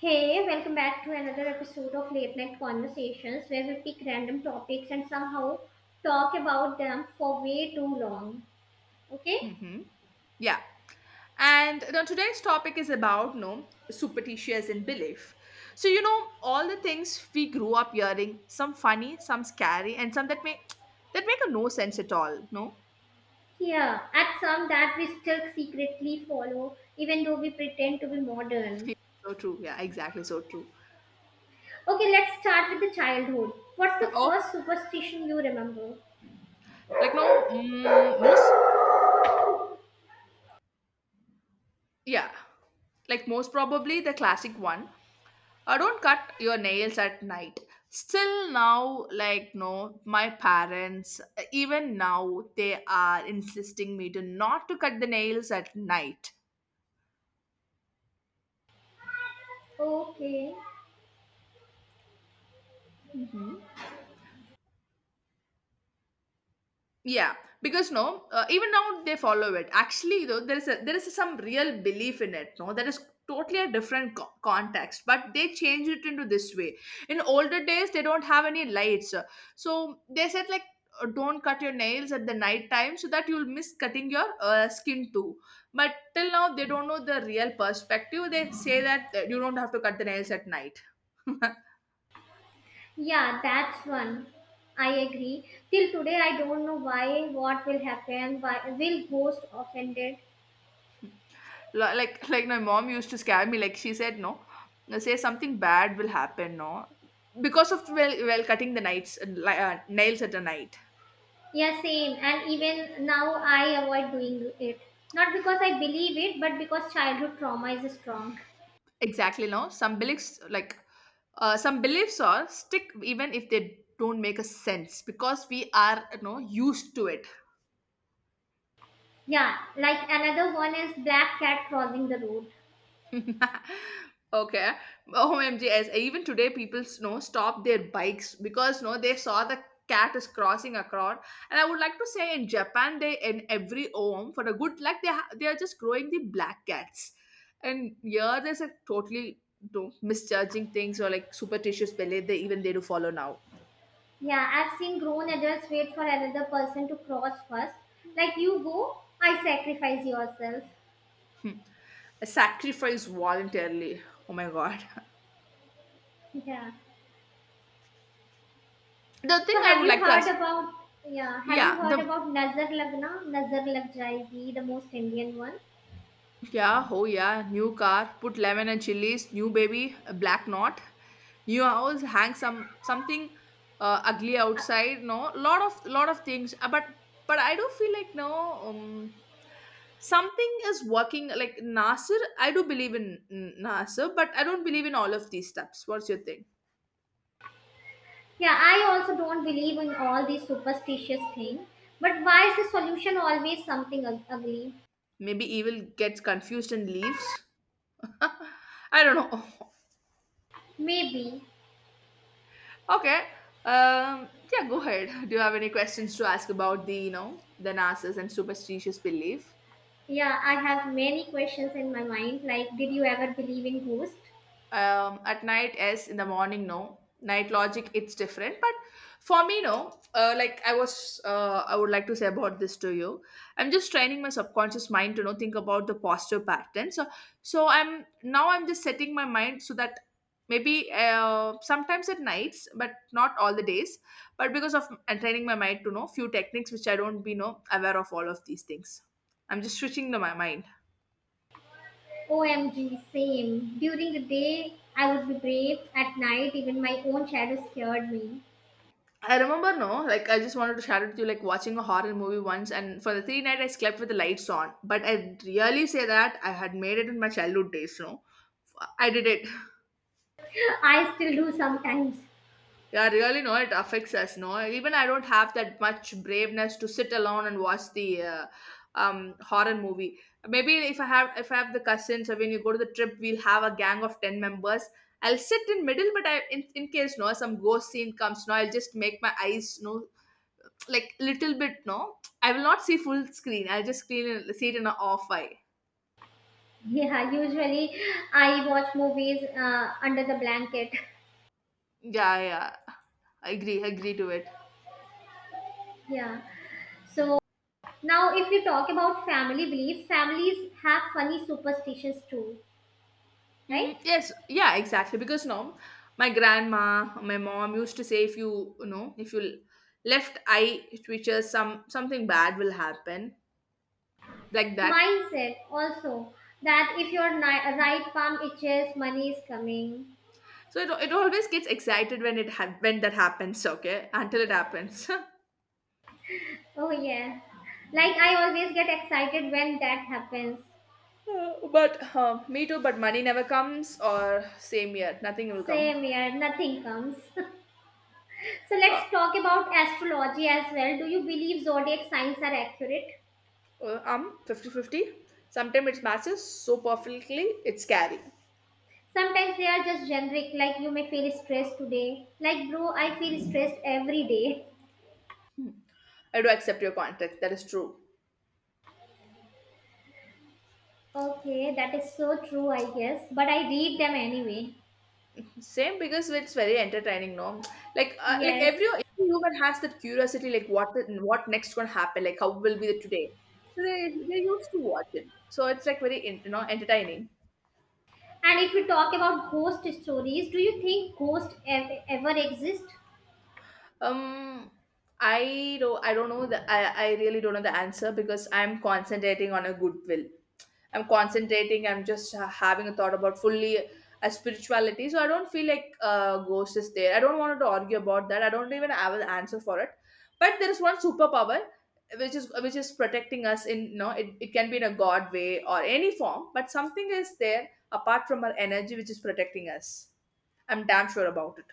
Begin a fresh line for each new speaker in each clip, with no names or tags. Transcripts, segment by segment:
Hey, welcome back to another episode of Late Night Conversations where we pick random topics and somehow talk about them for way too long. Okay?
Mm-hmm. Yeah. And now today's topic is about no superstitious and belief. So you know all the things we grew up hearing, some funny, some scary, and some that make a no sense at all. No,
Yeah, at some that we still secretly follow even though we pretend to be modern.
so true. Yeah, exactly. So true.
Okay, let's start with the childhood. What's the first
Oh,
superstition you remember?
like no mm, most yeah, like most probably the classic one. I don't cut your nails at night. Still now, like no, my parents, even now, they are insisting me to not to cut the nails at night.
Okay.
hmm Yeah, because no, even now they follow it. Actually, though, there is there is some real belief in it. No, that is totally a different context, but they changed it into this way. In older days, they don't have any lights, so they said like, don't cut your nails at the night time so that you'll miss cutting your skin too. But till now, they don't know the real perspective. They say that you don't have to cut the nails at night.
Yeah, that's one. I agree. Till today, I don't know why, what will happen, why will ghost offended.
Like my mom used to scare me, like she said no, say something bad will happen, no, because of well cutting the nights, nails at a night.
Yeah, same. And even now, I avoid doing it. Not because I believe it, but because childhood trauma is strong.
Exactly, no, some beliefs like some beliefs are stick even if they don't make a sense because we are, used to it.
Yeah, like another one is black cat crossing the road.
Okay. OMG, as even today people s- know stop their bikes because no they saw the cat is crossing across. And I would like to say in Japan, they in every home for a good luck, they are just growing the black cats, and here there's a totally no, misjudging things or like superstitious belief they even they do follow now.
Yeah, I've seen grown adults wait for another person to cross first. Like you go, I sacrifice yourself.
Hmm. Sacrifice voluntarily. Oh my god.
Yeah.
The thing
So
I
have
would
you
like to
heard
ask,
about yeah, have you
yeah
heard
the
about Nazar Lagna, Nazar Lag Jayegi, the most Indian one?
yeah, oh yeah, new car, put lemon and chilies, new baby, a black knot, new house, hang something ugly outside, no, lot of things. But I do feel like no, something is working. Like Nasir, I do believe in Nasir, but I don't believe in all of these steps. What's your thing?
Yeah, I also don't believe in all these superstitious things. But why is the solution always something ugly?
Maybe evil gets confused and leaves. I don't know.
Maybe.
Okay. Yeah, go ahead. Do you have any questions to ask about the, the NASA's and superstitious belief?
Yeah, I have many questions in my mind. Like, did you ever believe in ghosts?
At night yes, in the morning no. Night logic it's different, but for me no, I would like to say about this to you. I'm just training my subconscious mind to know think about the posture pattern, so I'm just setting my mind so that maybe sometimes at nights, but not all the days. But because of I'm training my mind to know few techniques which I don't be know aware of all of these things, I'm just switching my mind.
OMG, same. During the day, I would be brave. At night, even my own shadow scared me.
I remember, no, like I just wanted to share it with you, like watching a horror movie once, and for the 3 night I slept with the lights on. But I really say that I had made it in my childhood days, no. I did it.
I still do sometimes.
Yeah, really, no, it affects us, no. Even I don't have that much braveness to sit alone and watch the horror movie. Maybe if I have the cousins, or when you go to the trip, we'll have a gang of 10 members. I'll sit in middle, but in case no some ghost scene comes, no, I'll just make my eyes no, like little bit no, I will not see full screen, I'll just screen it- see it in an off eye.
Yeah, usually I watch movies under the blanket.
Yeah, yeah, agree to it.
Yeah. So now, if we talk about family beliefs, families have funny superstitions too, right?
Mm, yes, yeah, exactly. Because no, my mom used to say if you, left eye twitches, something bad will happen, like that.
Mindset also that if your right palm itches, money is coming.
So it always gets excited when when that happens. Okay, until it happens.
Oh, yeah. Like, I always get excited when that happens.
But me too. But money never comes, or same year, nothing will come.
Same here, nothing comes. So, let's
Uh,
talk about astrology as well. Do you believe zodiac signs are accurate?
50-50. Sometimes it matches so perfectly, it's scary.
Sometimes they are just generic, like you may feel stressed today. Like, bro, I feel stressed every day.
I do accept your context. That is true.
Okay, that is so true, I guess. But I read them anyway.
Same, because it's very entertaining, no? Like,
Yes.
every human has that curiosity, like what next gonna happen, like how will be the today. So they they used to watch it. So it's like very entertaining.
And if you talk about ghost stories, do you think ghosts ever exist?
Um, I don't know the I really don't know the answer because I'm concentrating on a goodwill. I'm concentrating. I'm just having a thought about fully a spirituality. So I don't feel like ghost is there. I don't want to argue about that. I don't even have an answer for it. But there is one superpower which is protecting us in, it, it can be in a god way or any form, but something is there apart from our energy which is protecting us. I'm damn sure about it.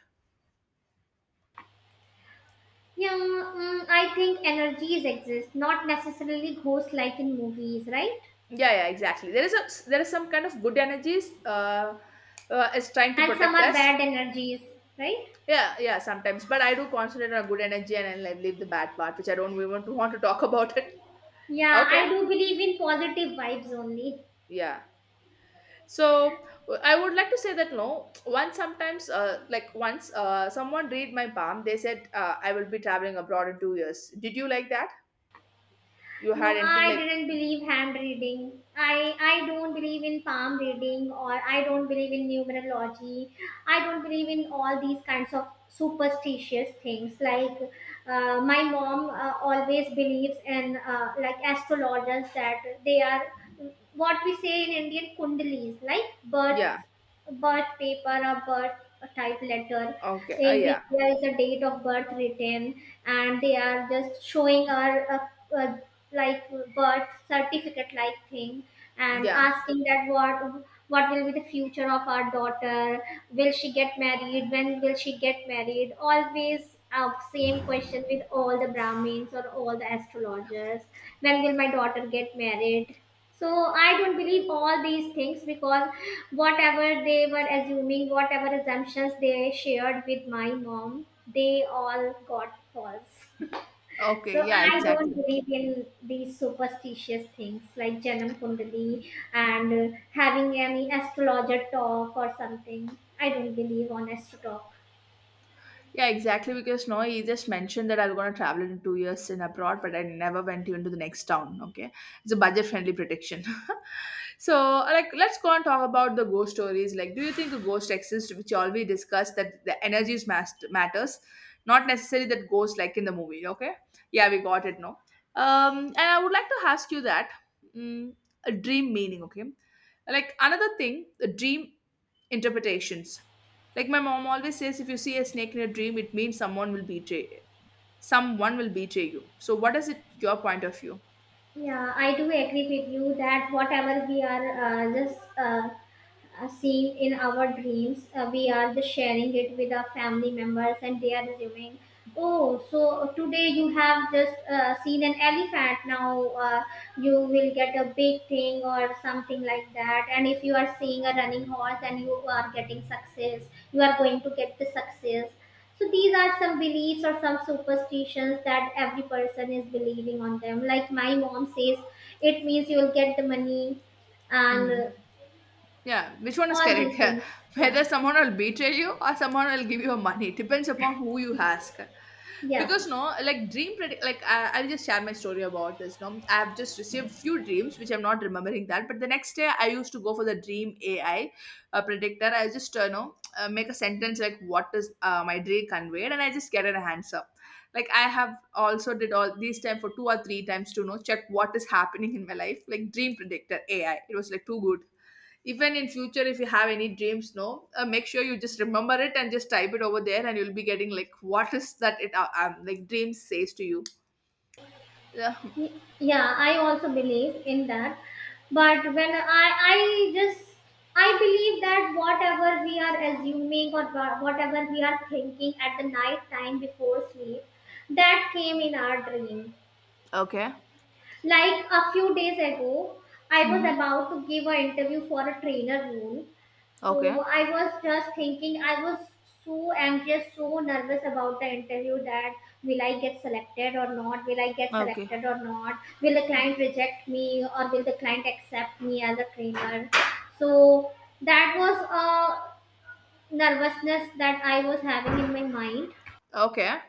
Yeah, I think energies exist, not necessarily ghosts like in movies, right?
Yeah, yeah, exactly. There is some kind of good energies is trying to
And some
protect
are
us.
bad energies, right?
Yeah, yeah, sometimes. But I do concentrate on good energy and I, like, leave the bad part, which I don't even want to talk about it.
Yeah,
Okay.
I do believe in positive vibes only.
Yeah. So I would like to say that no, once sometimes, like once someone read my palm, they said I will be traveling abroad in 2 years. Did you like that? You had
No,
anything
I
like,
didn't believe hand reading. I don't believe in palm reading or I don't believe in numerology. I don't believe in all these kinds of superstitious things. Like my mom always believes in like astrologers that they are what we say in Indian kundalis, like
yeah.
birth paper, a birth type letter
Okay.
in which
Yeah.
there is a date of birth written, and they are just showing our uh, like birth certificate like thing and
Yeah.
asking that what will be the future of our daughter, will she get married, when will she get married, always same question with all the brahmins or all the astrologers, when will my daughter get married? So I don't believe all these things because whatever they were assuming, whatever assumptions they shared with my mom, they all got false.
Okay.
So
Yeah,
I don't
exactly.
believe in these superstitious things like Janam Kundali and having any astrologer talk or something. I don't believe on astro talk.
Yeah, exactly. Because no, he just mentioned that I'm gonna travel in 2 years in abroad, but I never went even to the next town. Okay, it's a budget-friendly prediction. So, like, let's go and talk about the ghost stories. Like, do you think a ghost exists, which already discussed that the energies matters, not necessarily that ghost like in the movie. Okay, yeah, we got it. No, and I would like to ask you that mm, a dream meaning. Okay, like another thing, the dream interpretations. Like my mom always says, if you see a snake in a dream, it means someone will betray you. So what is it your point of view?
Yeah, I do agree with you that whatever we are just seeing in our dreams, we are just sharing it with our family members and they are assuming, oh, so today you have just seen an elephant, now you will get a big thing or something like that. And if you are seeing a running horse and you are getting success, you are going to get the success. So these are some beliefs or some superstitions that every person is believing on them. Like my mom says, it means you'll get the money and
Mm. Yeah, which one is
all
correct?
these
Yeah.
things.
Whether
Yeah,
someone will betray you or someone will give you money. Depends upon who you ask.
yeah,
Because no, like dream predict, like I'll just share my story about this, no, I have just received few dreams which I'm not remembering that, but the next day I used to go for the dream AI predictor. I just know make a sentence like what is my dream conveyed and I just get an answer. Like I have also did all these time for two or three times to know check what is happening in my life. Like dream predictor AI, it was like too good. Even in future if you have any dreams, no, make sure you just remember it and just type it over there, and you'll be getting like what is that it, like dream says to you. Yeah.
yeah. I also believe in that. But when I just, I believe that whatever we are assuming or whatever we are thinking at the night time before sleep, that came in our dream.
Okay.
Like a few days ago, I was
Mm-hmm.
about to give an interview for a trainer role.
Okay.
So I was just thinking, I was so anxious, so nervous about the interview that will I get selected or not? Will I get
Okay.
selected or not? Will the
Okay.
client reject me or will the client accept me as a trainer? So that was a nervousness that I was having in my mind.
Okay.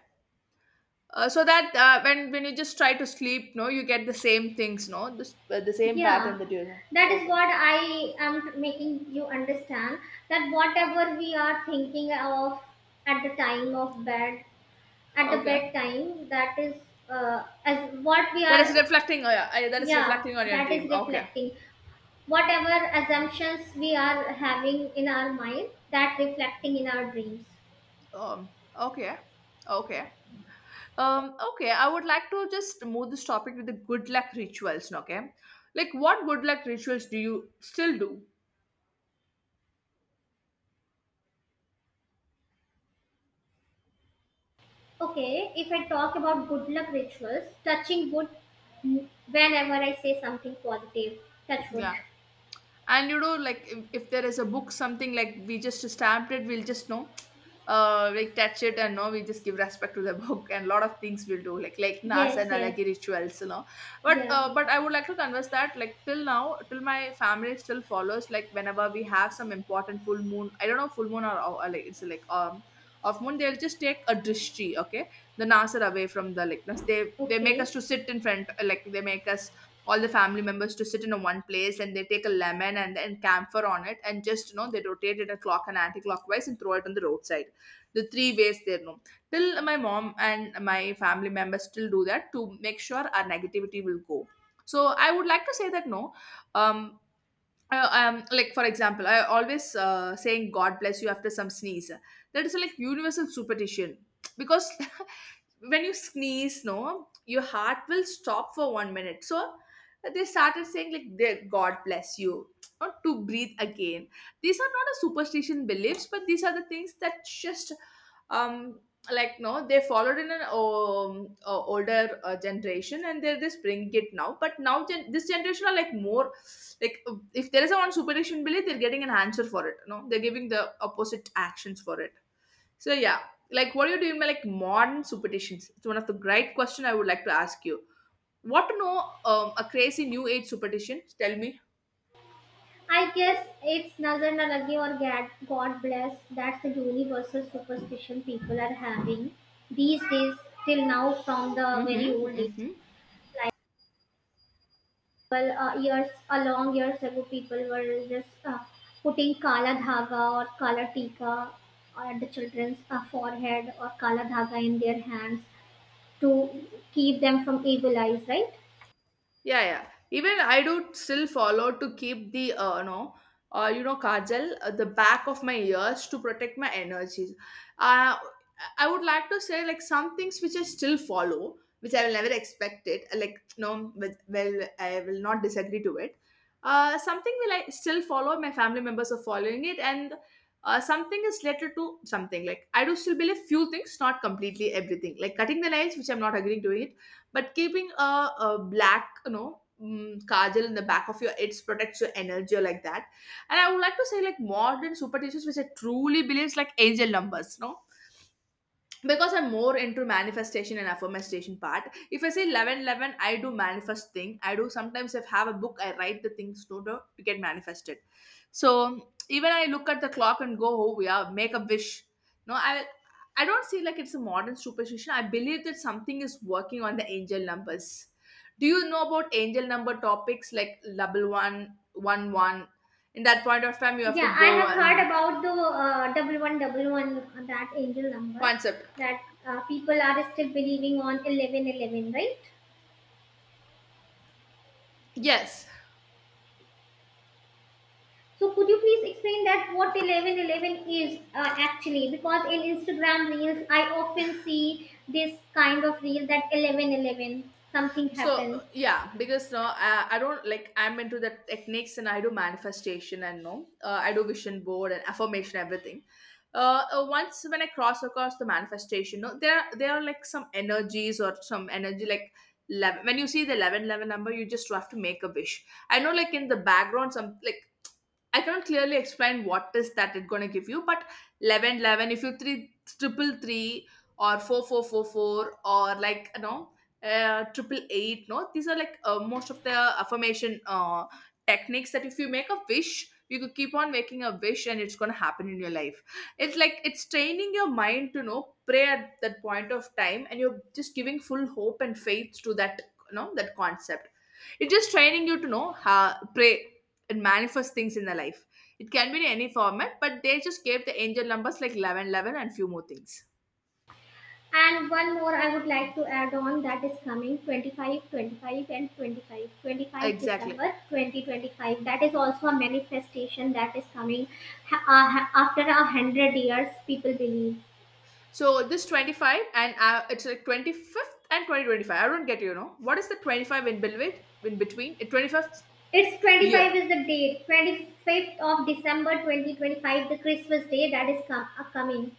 so that when you just try to sleep, no, you get the same things no, the same pattern
Yeah,
that you
that
have.
is
Okay.
what I am making you understand, that whatever we are thinking of at the time of bed, at the
Okay.
bedtime, that is as what we are,
That is
yeah,
reflecting on your
that is
dream. Okay.
reflecting. Whatever assumptions we are having in our mind, that reflecting in our dreams.
um okay. Okay. Okay, I would like to just move this topic to the good luck rituals, okay? Like, what good luck rituals do you still do?
Okay, if I talk about good luck rituals, touching wood whenever I say something positive, touch wood.
Yeah. And you know like if there is a book, something like we just stamped it, we'll just know like touch it, and no, we just give respect to the book, and a lot of things we'll do, like nas
Yes,
and
yes,
alagi rituals, you know. But
yeah.
I would like to converse that like till now, till my family still follows, like whenever we have some important full moon, I don't know, full or like it's like of moon, they'll just take a drishti, okay, the nasar away from the, they make
Okay.
us to sit in front, like they make us all the family members to sit in a one place, and they take a lemon and then camphor on it, and just you know they rotate it a clock and anti-clockwise and throw it on the roadside, the three ways there, no, till my mom and my family members still do that to make sure our negativity will go. So I would like to say that no, um like for example, I always saying God bless you after some sneeze. That is like universal superstition because when you sneeze, no, your heart will stop for 1 minute. So they started saying like God bless you, or to breathe again. These are not a superstition beliefs, but these are the things that just um like no they followed in an older generation, and they're just bring it now. But now this generation are like more like, if there is a one superstition belief, they're getting an answer for it. No, they're giving the opposite actions for it. So yeah, like what are you doing by like modern superstitions, it's one of the great question I would like to ask you. What to know? A crazy new age superstition, tell me.
I guess it's Nazar na Lagi or God, God Bless. That's the universal superstition people are having these days till now from the very
Mm-hmm,
old days.
mm-hmm.
Like, well, years, a long years ago, people were just putting Kala Dhaga or Kala Tika on the children's forehead or Kala Dhaga in their hands to keep them from evil eyes, right?
Yeah, yeah. Even I do still follow to keep the no, kajal, the back of my ears to protect my energies. Uh, I would like to say like some things which I still follow, which I will never expect it. Like no, with, well, I will not disagree to it. Something will I still follow. My family members are following it, and something is related to something. Like I do still believe few things, not completely everything. Like cutting the nails, which I'm not agreeing to it, but keeping a black, kajal in the back of your it protects your energy or like that. And I would like to say like modern superstitions which I truly believe is like angel numbers, no? Because I'm more into manifestation and affirmation part. If I say 11 11, I do manifest thing. I do sometimes, if have a book, I write the things to get manifested. So even I look at the clock and go, oh, we are make a wish. No, I don't see like it's a modern superstition. I believe that something is working on the angel numbers. Do you know about angel number topics like double one one one? In that point of time you have to
Yeah, I
go
have heard
and
about the w one double one, that angel number,
concept.
that people are still believing on 1111, right?
Yes.
So, could you please explain that what 1111 is actually? Because in Instagram reels, I often see this kind of reel that 1111, something
So
happens.
yeah, because no, I don't like I'm into the techniques and I do manifestation and no, I do vision board and affirmation everything. Once when I cross across the manifestation, no, there are like some energies or some energy like 11, when you see the 11 11 number, you just have to make a wish. I know like in the background some like I cannot clearly explain what is that it's gonna give you, but 11, 11. If you three triple three or four four four four or like triple eight, no, these are like most of the affirmation techniques that if you make a wish, you could keep on making a wish and it's gonna happen in your life. It's like it's training your mind to know pray at that point of time, and you're just giving full hope and faith to that you know that concept. It's just training you to know how pray and manifest things in their life. It can be in any format, but they just gave the angel numbers like 11, 11, and few more things.
And one more I would like to add on that is coming 25, 25, and 25. 25
Exactly.
December 2025. That is also a manifestation that is coming after 100 years, people believe.
So this 25 and it's like 25th and 2025. I don't get. What is the 25 in Bilwit in between? 25th
It's 25
year.
is the date. 25th of December 2025, the Christmas day that is coming.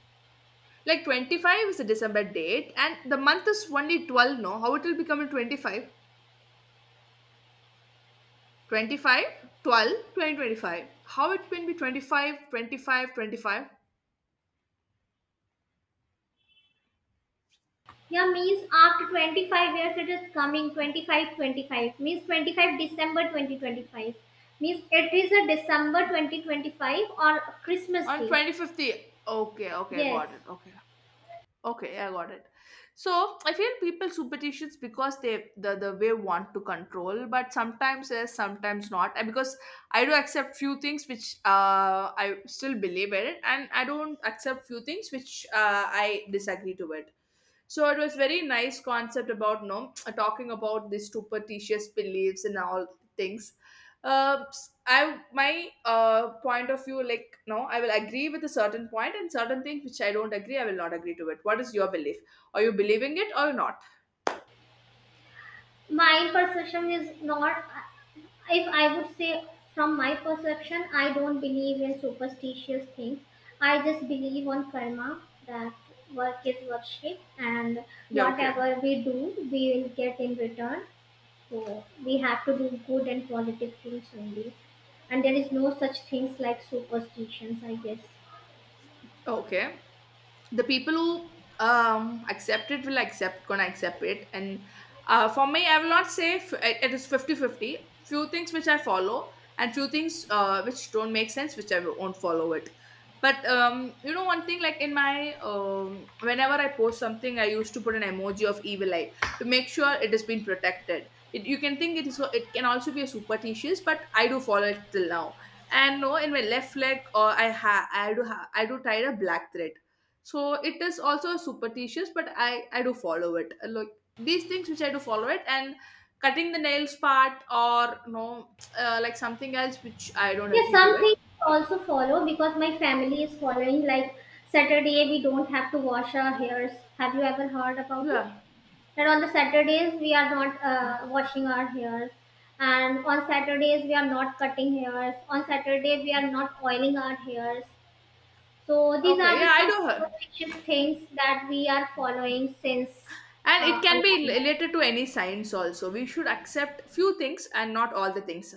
Like 25 is a December date and the month is only 12 no. How it will become in 25? 12 2025. How it can be 25, 25, 25
Yeah, means after 25 years it is coming 25, 25, means 25 December 2025, means it is a December 2025 or Christmas
on
Day.
25th year. Okay, okay,
Yes,
got it. Okay. Okay, yeah, I got it. So I feel people superstitions because they the way want to control, but sometimes yes, sometimes not. And because I do accept few things which I still believe in it, and I don't accept few things which I disagree to it. So it was very nice concept about talking about these superstitious beliefs and all things. Uh, I my point of view like no, I will agree with a certain point and certain things which I don't agree. I will not agree to it. What is your belief? Are you believing it or not?
my perception is not, if I would say from my perception, I don't believe in superstitious things. I just believe on karma, that work is worship and
Yeah, okay.
whatever we do, we will get in return. So we have to do good and positive things only. And there is no such things like superstitions, I guess.
Okay. The people who accept it will accept, gonna accept it. And for me, I will not say it is 50 50. Few things which I follow, and few things which don't make sense, which I won't follow it. But one thing like in my whenever I post something, I used to put an emoji of evil eye to make sure it has been protected. It, you can think it is it can also be a superstitious, but I do follow it till now. And no, in my left leg or I ha- I do ha- I do tie a black thread. So it is also superstitious, but I do follow it. Look, these things which I do follow it, and cutting the nails part or no, like something else which I don't
Yeah,
agree to
some
it.
things I also follow because my family is following. Like Saturday, we don't have to wash our hairs. Have you ever heard about it?
Yeah,
That on the Saturdays we are not washing our hairs, and on Saturdays we are not cutting hairs. On Saturday we are not oiling our hairs. So these
okay,
are
yeah,
the
I
some
do.
superstitious things that we are following since
And it
a
can
long
be
while.
related to any science also. We should accept few things and not all the things.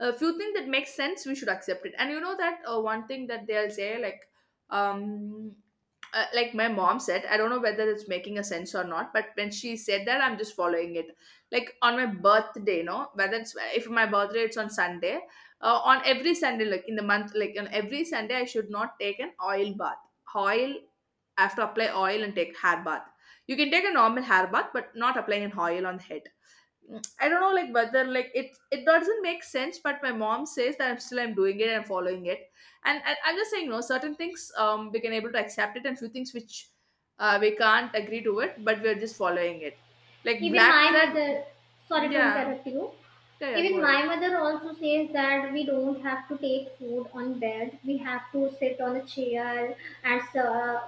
A few things that make sense we should accept it. And you know that, one thing that they'll say um like my mom said, I don't know whether it's making a sense or not, but when she said that, I'm just following it. Like on my birthday, no, whether it's, if my birthday it's on Sunday, on every Sunday like in the month, like on every Sunday I should not take an oil bath. Oil I have to apply oil and take hair bath. You can take a normal hair bath, but not applying an oil on the head. Mm, I don't know, like whether like it doesn't make sense, but my mom says that I'm still I'm doing it and following it, and I'm just saying no. Certain things we can able to accept it, and few things which we can't agree to it, but we're just following it. Like
Even
black
my
thread,
mother, sorry to
yeah,
interrupt you.
yeah, yeah. Go
Even
ahead.
my mother also says that we don't have to take food on bed. We have to sit on a chair and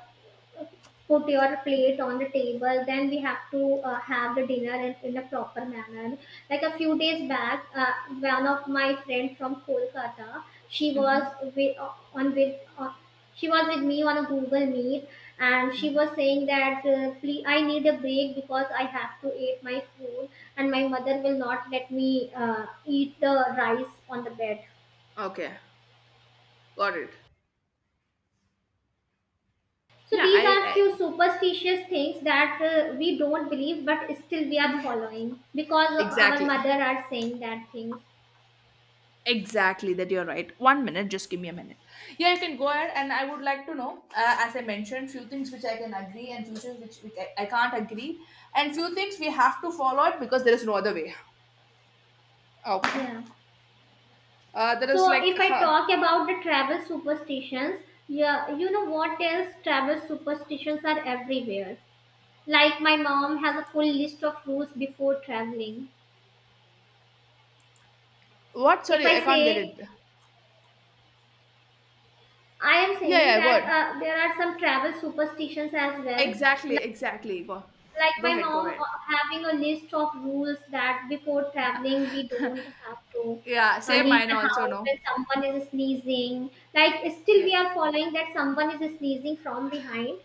put your plate on the table. Then we have to have the dinner in a proper manner. Like a few days back, one of my friend from Kolkata, she was
Hmm.
with, on with she was with me on a google meet, and she was saying that please, I need a break because I have to eat my food, and my mother will not let me eat the rice on the bed.
Okay, got it.
So
Yeah,
these are
I,
few superstitious things that we don't believe but still we are
I
following because of our
exactly.
mother are saying that things.
Exactly, that you're right. One minute, just give me a minute. Yeah, you can go ahead, and I would like to know, as I mentioned, few things which I can agree and few things which I can't agree, and few things we have to follow it because there is no other way. Okay.
Yeah,
There
so
is like,
if I
huh,
talk about the travel superstitions, yeah, you know what else, travel superstitions are everywhere. Like my mom has a full list of rules before traveling.
what?
If
Sorry, I
I
can't get it.
say, I am
Yeah,
saying
yeah, go
that
ahead.
there are some travel superstitions as well.
Exactly,
Like,
exactly.
like,
Go
my
ahead, go
mom
ahead.
having a list of rules that before traveling we don't have to
Yeah, same
leave
mine
the
also.
house when
No.
someone is sneezing. Like still
Yeah,
we are following that someone is sneezing from behind,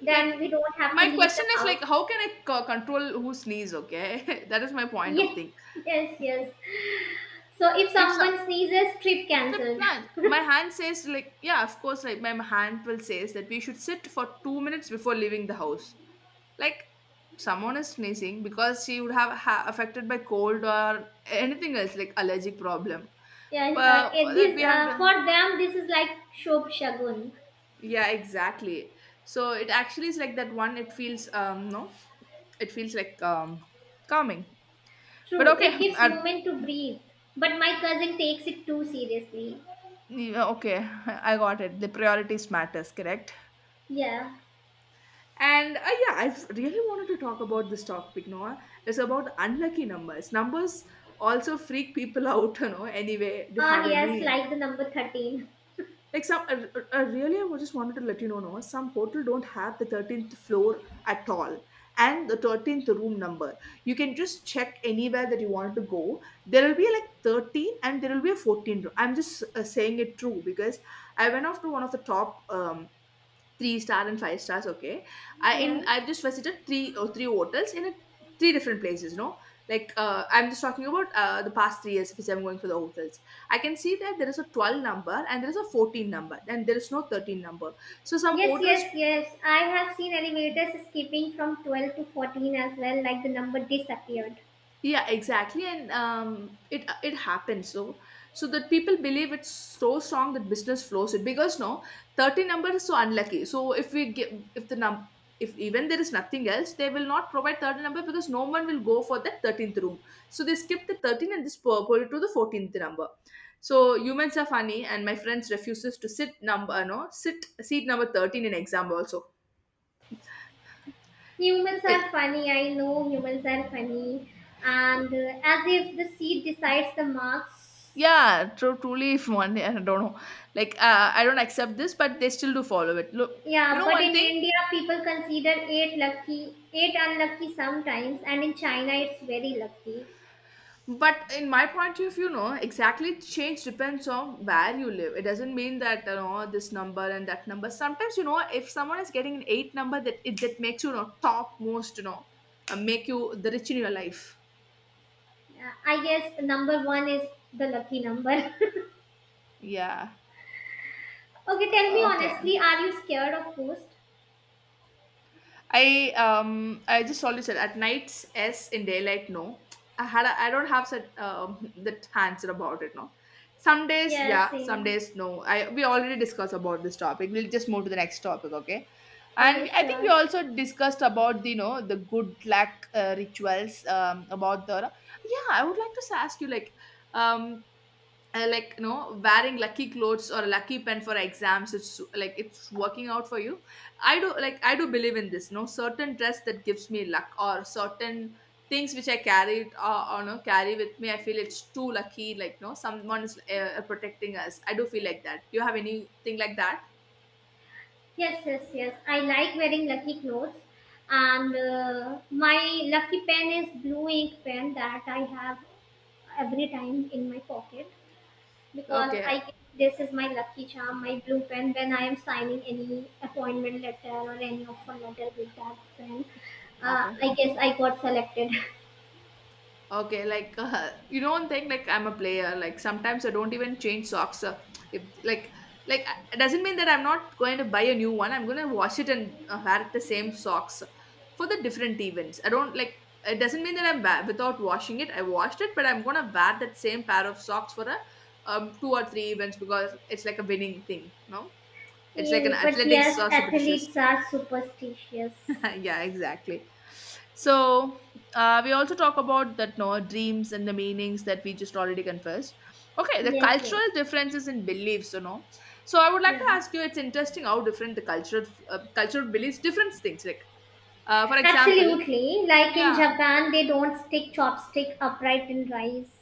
then
like
we don't have to
my
leave
question
the
is
house.
like, how can I control who sneeze? Okay, that is my point of
Yes,
thing.
yes, yes. So if
If so,
someone sneezes, trip
trip
cancelled.
plan. My hand says like yeah, of course. Like my hand will says that we should sit for 2 minutes before leaving the house. Like someone is sneezing because she would have affected by cold or anything else like allergic problem.
Yeah,
But for
it
that
is
we have to.
for them. This is like Shob Shagun.
Yeah, exactly. So it actually is like that one. It feels no, it feels like calming. But
True,
okay,
it gives moment to breathe. But my cousin takes it too seriously.
yeah, okay, I got it. The priorities matters, correct?
Yeah.
And yeah, I really wanted to talk about this topic, Noah. It's about unlucky numbers. Numbers also freak people out. Anyway, do you
Ah,
have
yes,
any
like the number 13.
like some? Really, I just wanted to let you know, Noah. Some hotel don't have the 13th floor at all, and the 13th room number. You can just check anywhere that you want to go. There will be like 13, and there will be a 14 room. I'm just saying it true because I went off to one of the top three star and five stars, okay. i in
Yeah.
i've just visited three hotels in three different places, no. I'm just talking about the past 3 years which I'm going for the hotels. I can see that there is a 12 number and there is a 14 number and there is no 13 number, so some
Yes,
hotels.
yes, yes. I have seen elevators skipping from 12 to 14 as well. Like the number disappeared.
Yeah, exactly. And it happens, so that people believe it's so strong that business flows it, because no, 30 number is so unlucky. So if we give, if the num if even there is nothing else, they will not provide 30 number because no one will go for that 13th room. So they skip the 13 and this purple to the 14th number. So humans are funny, and my friends refuses to sit number, no, sit seat number 13 in exam also.
Humans are funny. I know humans are funny, and as if the seat decides the marks.
Yeah, true, truly. If one day, I don't know. I don't accept this, but they still do follow it, look. You
Yeah,
know
but
one
in
thing,
India, people consider eight lucky, eight unlucky sometimes, and in China, it's very lucky.
but in my point of view, no, exactly change depends on where you live. It doesn't mean that you know this number and that number. Sometimes, you know, if someone is getting an eight number, that makes you, you know, top most, you know, make you the rich in your life.
I guess number one is the lucky number. Okay,
Yeah.
tell me
Okay.
honestly, are you scared of ghosts?
I just always said at nights yes, in daylight no. I don't have such that answer about it now. Some days
Yeah,
yeah, some
same.
days no. I we already discussed about this topic. We'll just move to the next topic, okay?
Okay,
And I think we
sure.
also discussed about the, you know, the good luck rituals about the. Yeah. I would like to ask you, like, um like, you know, wearing lucky clothes or a lucky pen for exams, it's like it's working out for you. I do believe in this, no, certain dress that gives me luck, or certain things which I carry it, or no, carry with me, I feel it's too lucky, like, no, someone is protecting us, I do feel like that. Do you have anything like that?
Yes, yes, yes. I like wearing lucky clothes, and my lucky pen is blue ink pen that I have every time in my pocket, because
Okay.
I guess this is my lucky charm, my blue pen. When I am signing any appointment letter or any offer letter with that pen,
Okay.
I guess I got selected.
Okay, like, you don't think like I'm a player. Like sometimes I don't even change socks. If like it doesn't mean that I'm not going to buy a new one. I'm going to wash it and wear the same socks for the different events. I don't like it doesn't mean that without washing it. I washed it, but I'm going to wear that same pair of socks for a two or three events, because it's like a winning thing, no, it's like an
you, but
athletics
yes, athletes
superstitious.
are superstitious.
Yeah, exactly. So we also talk about that, no, dreams and the meanings that we just already confessed. Okay, the
Yes, yes.
cultural differences in beliefs, you know. So I would like to
Yeah,
ask you, it's interesting how different the cultural cultural beliefs, different things, like for example.
absolutely. Like in
Yeah,
Japan, they don't stick chopstick upright in rice.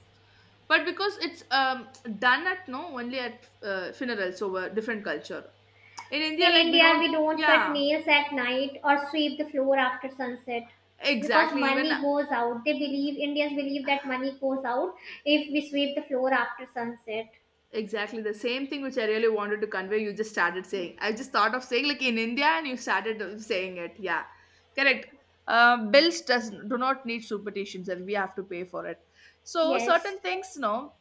but because it's done at, no, only at funerals over different culture. In India,
In
like, we
India,
don't.
we don't cut
Yeah,
nails at night or sweep the floor after sunset because
exactly, even.
money goes out. They believe, Indians believe that money goes out if we sweep the floor after sunset.
Exactly the same thing which I really wanted to convey, you just started saying. I just thought of saying like in India, and you started saying it. Yeah,
Yeah.
correct. Bills does do not need superstitions, and we have to pay for it. So
Yes.
certain things, no,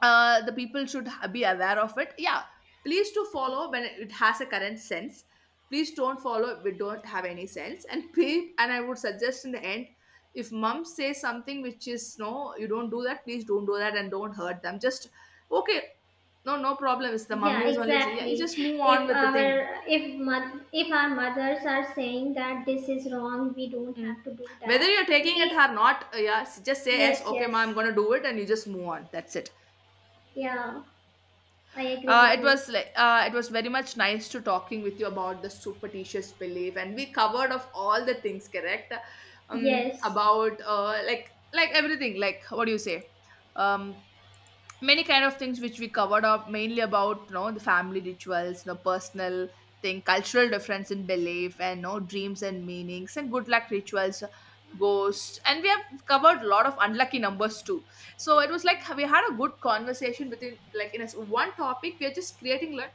the people should be aware of it. Yeah, please to follow when it has a current sense. Please don't follow if it don't have any sense. And and I would suggest, in the end, if mom says something which is no, you don't do that, please don't do that and don't hurt them. Just okay, no, no problem. It's the mummy
Yeah,
who's only, yeah. You
exactly.
just move on
If
with the thing.
our if mo- if our mothers are saying that this is wrong, we don't
Mm.
have to do
Whether
that.
you're taking it
We
or not, yeah, just say yes.
Yes,
Okay mom,
yes.
I'm gonna do it, and you just move on. That's it.
Yeah, I agree with
It
you.
was like it was very much nice to talking with you about the superstitious belief, and we covered of all the things, correct?
Yes.
About like everything, like what do you say? Um, many kind of things which we covered up, mainly about, you know, the family rituals, you know, personal thing, cultural difference in belief, and, you know, dreams and meanings, and good luck rituals, ghosts, and we have covered a lot of unlucky numbers too. So it was like we had a good conversation within, like, in a one topic we are just creating, like,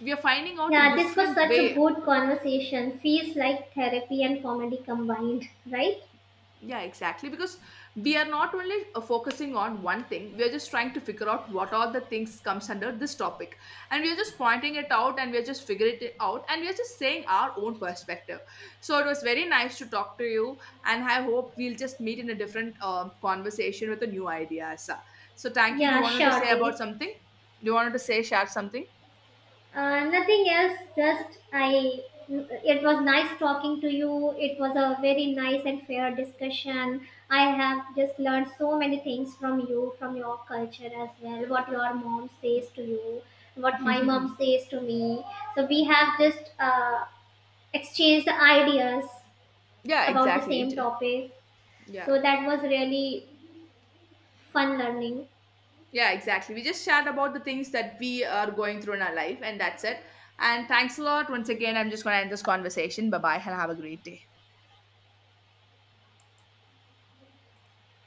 we are finding out the
Yeah, this was
different
such a
way.
good conversation. Feels like therapy and comedy combined, right?
Yeah, exactly. Because we are not only focusing on one thing, we are just trying to figure out what are the things comes under this topic. And we are just pointing it out, and we are just figuring it out, and we are just saying our own perspective. So it was very nice to talk to you, and I hope we'll just meet in a different conversation with a new idea. Asa. So thank you. Do you
Yeah,
wanted to say about
surely.
something? Do you wanted to say, share something?
Nothing else, just I. It was nice talking to you. It was a very nice and fair discussion. I have just learned so many things from you, from your culture as well, what your mom says to you, what my
Yeah,
mom says to me. So we have just exchanged the ideas about the
exactly.
same topic.
Yeah.
So that was really fun learning.
Yeah, exactly. We just shared about the things that we are going through in our life, and that's it. And thanks a lot. Once again, I'm just going to end this conversation. Bye bye, and have a great day.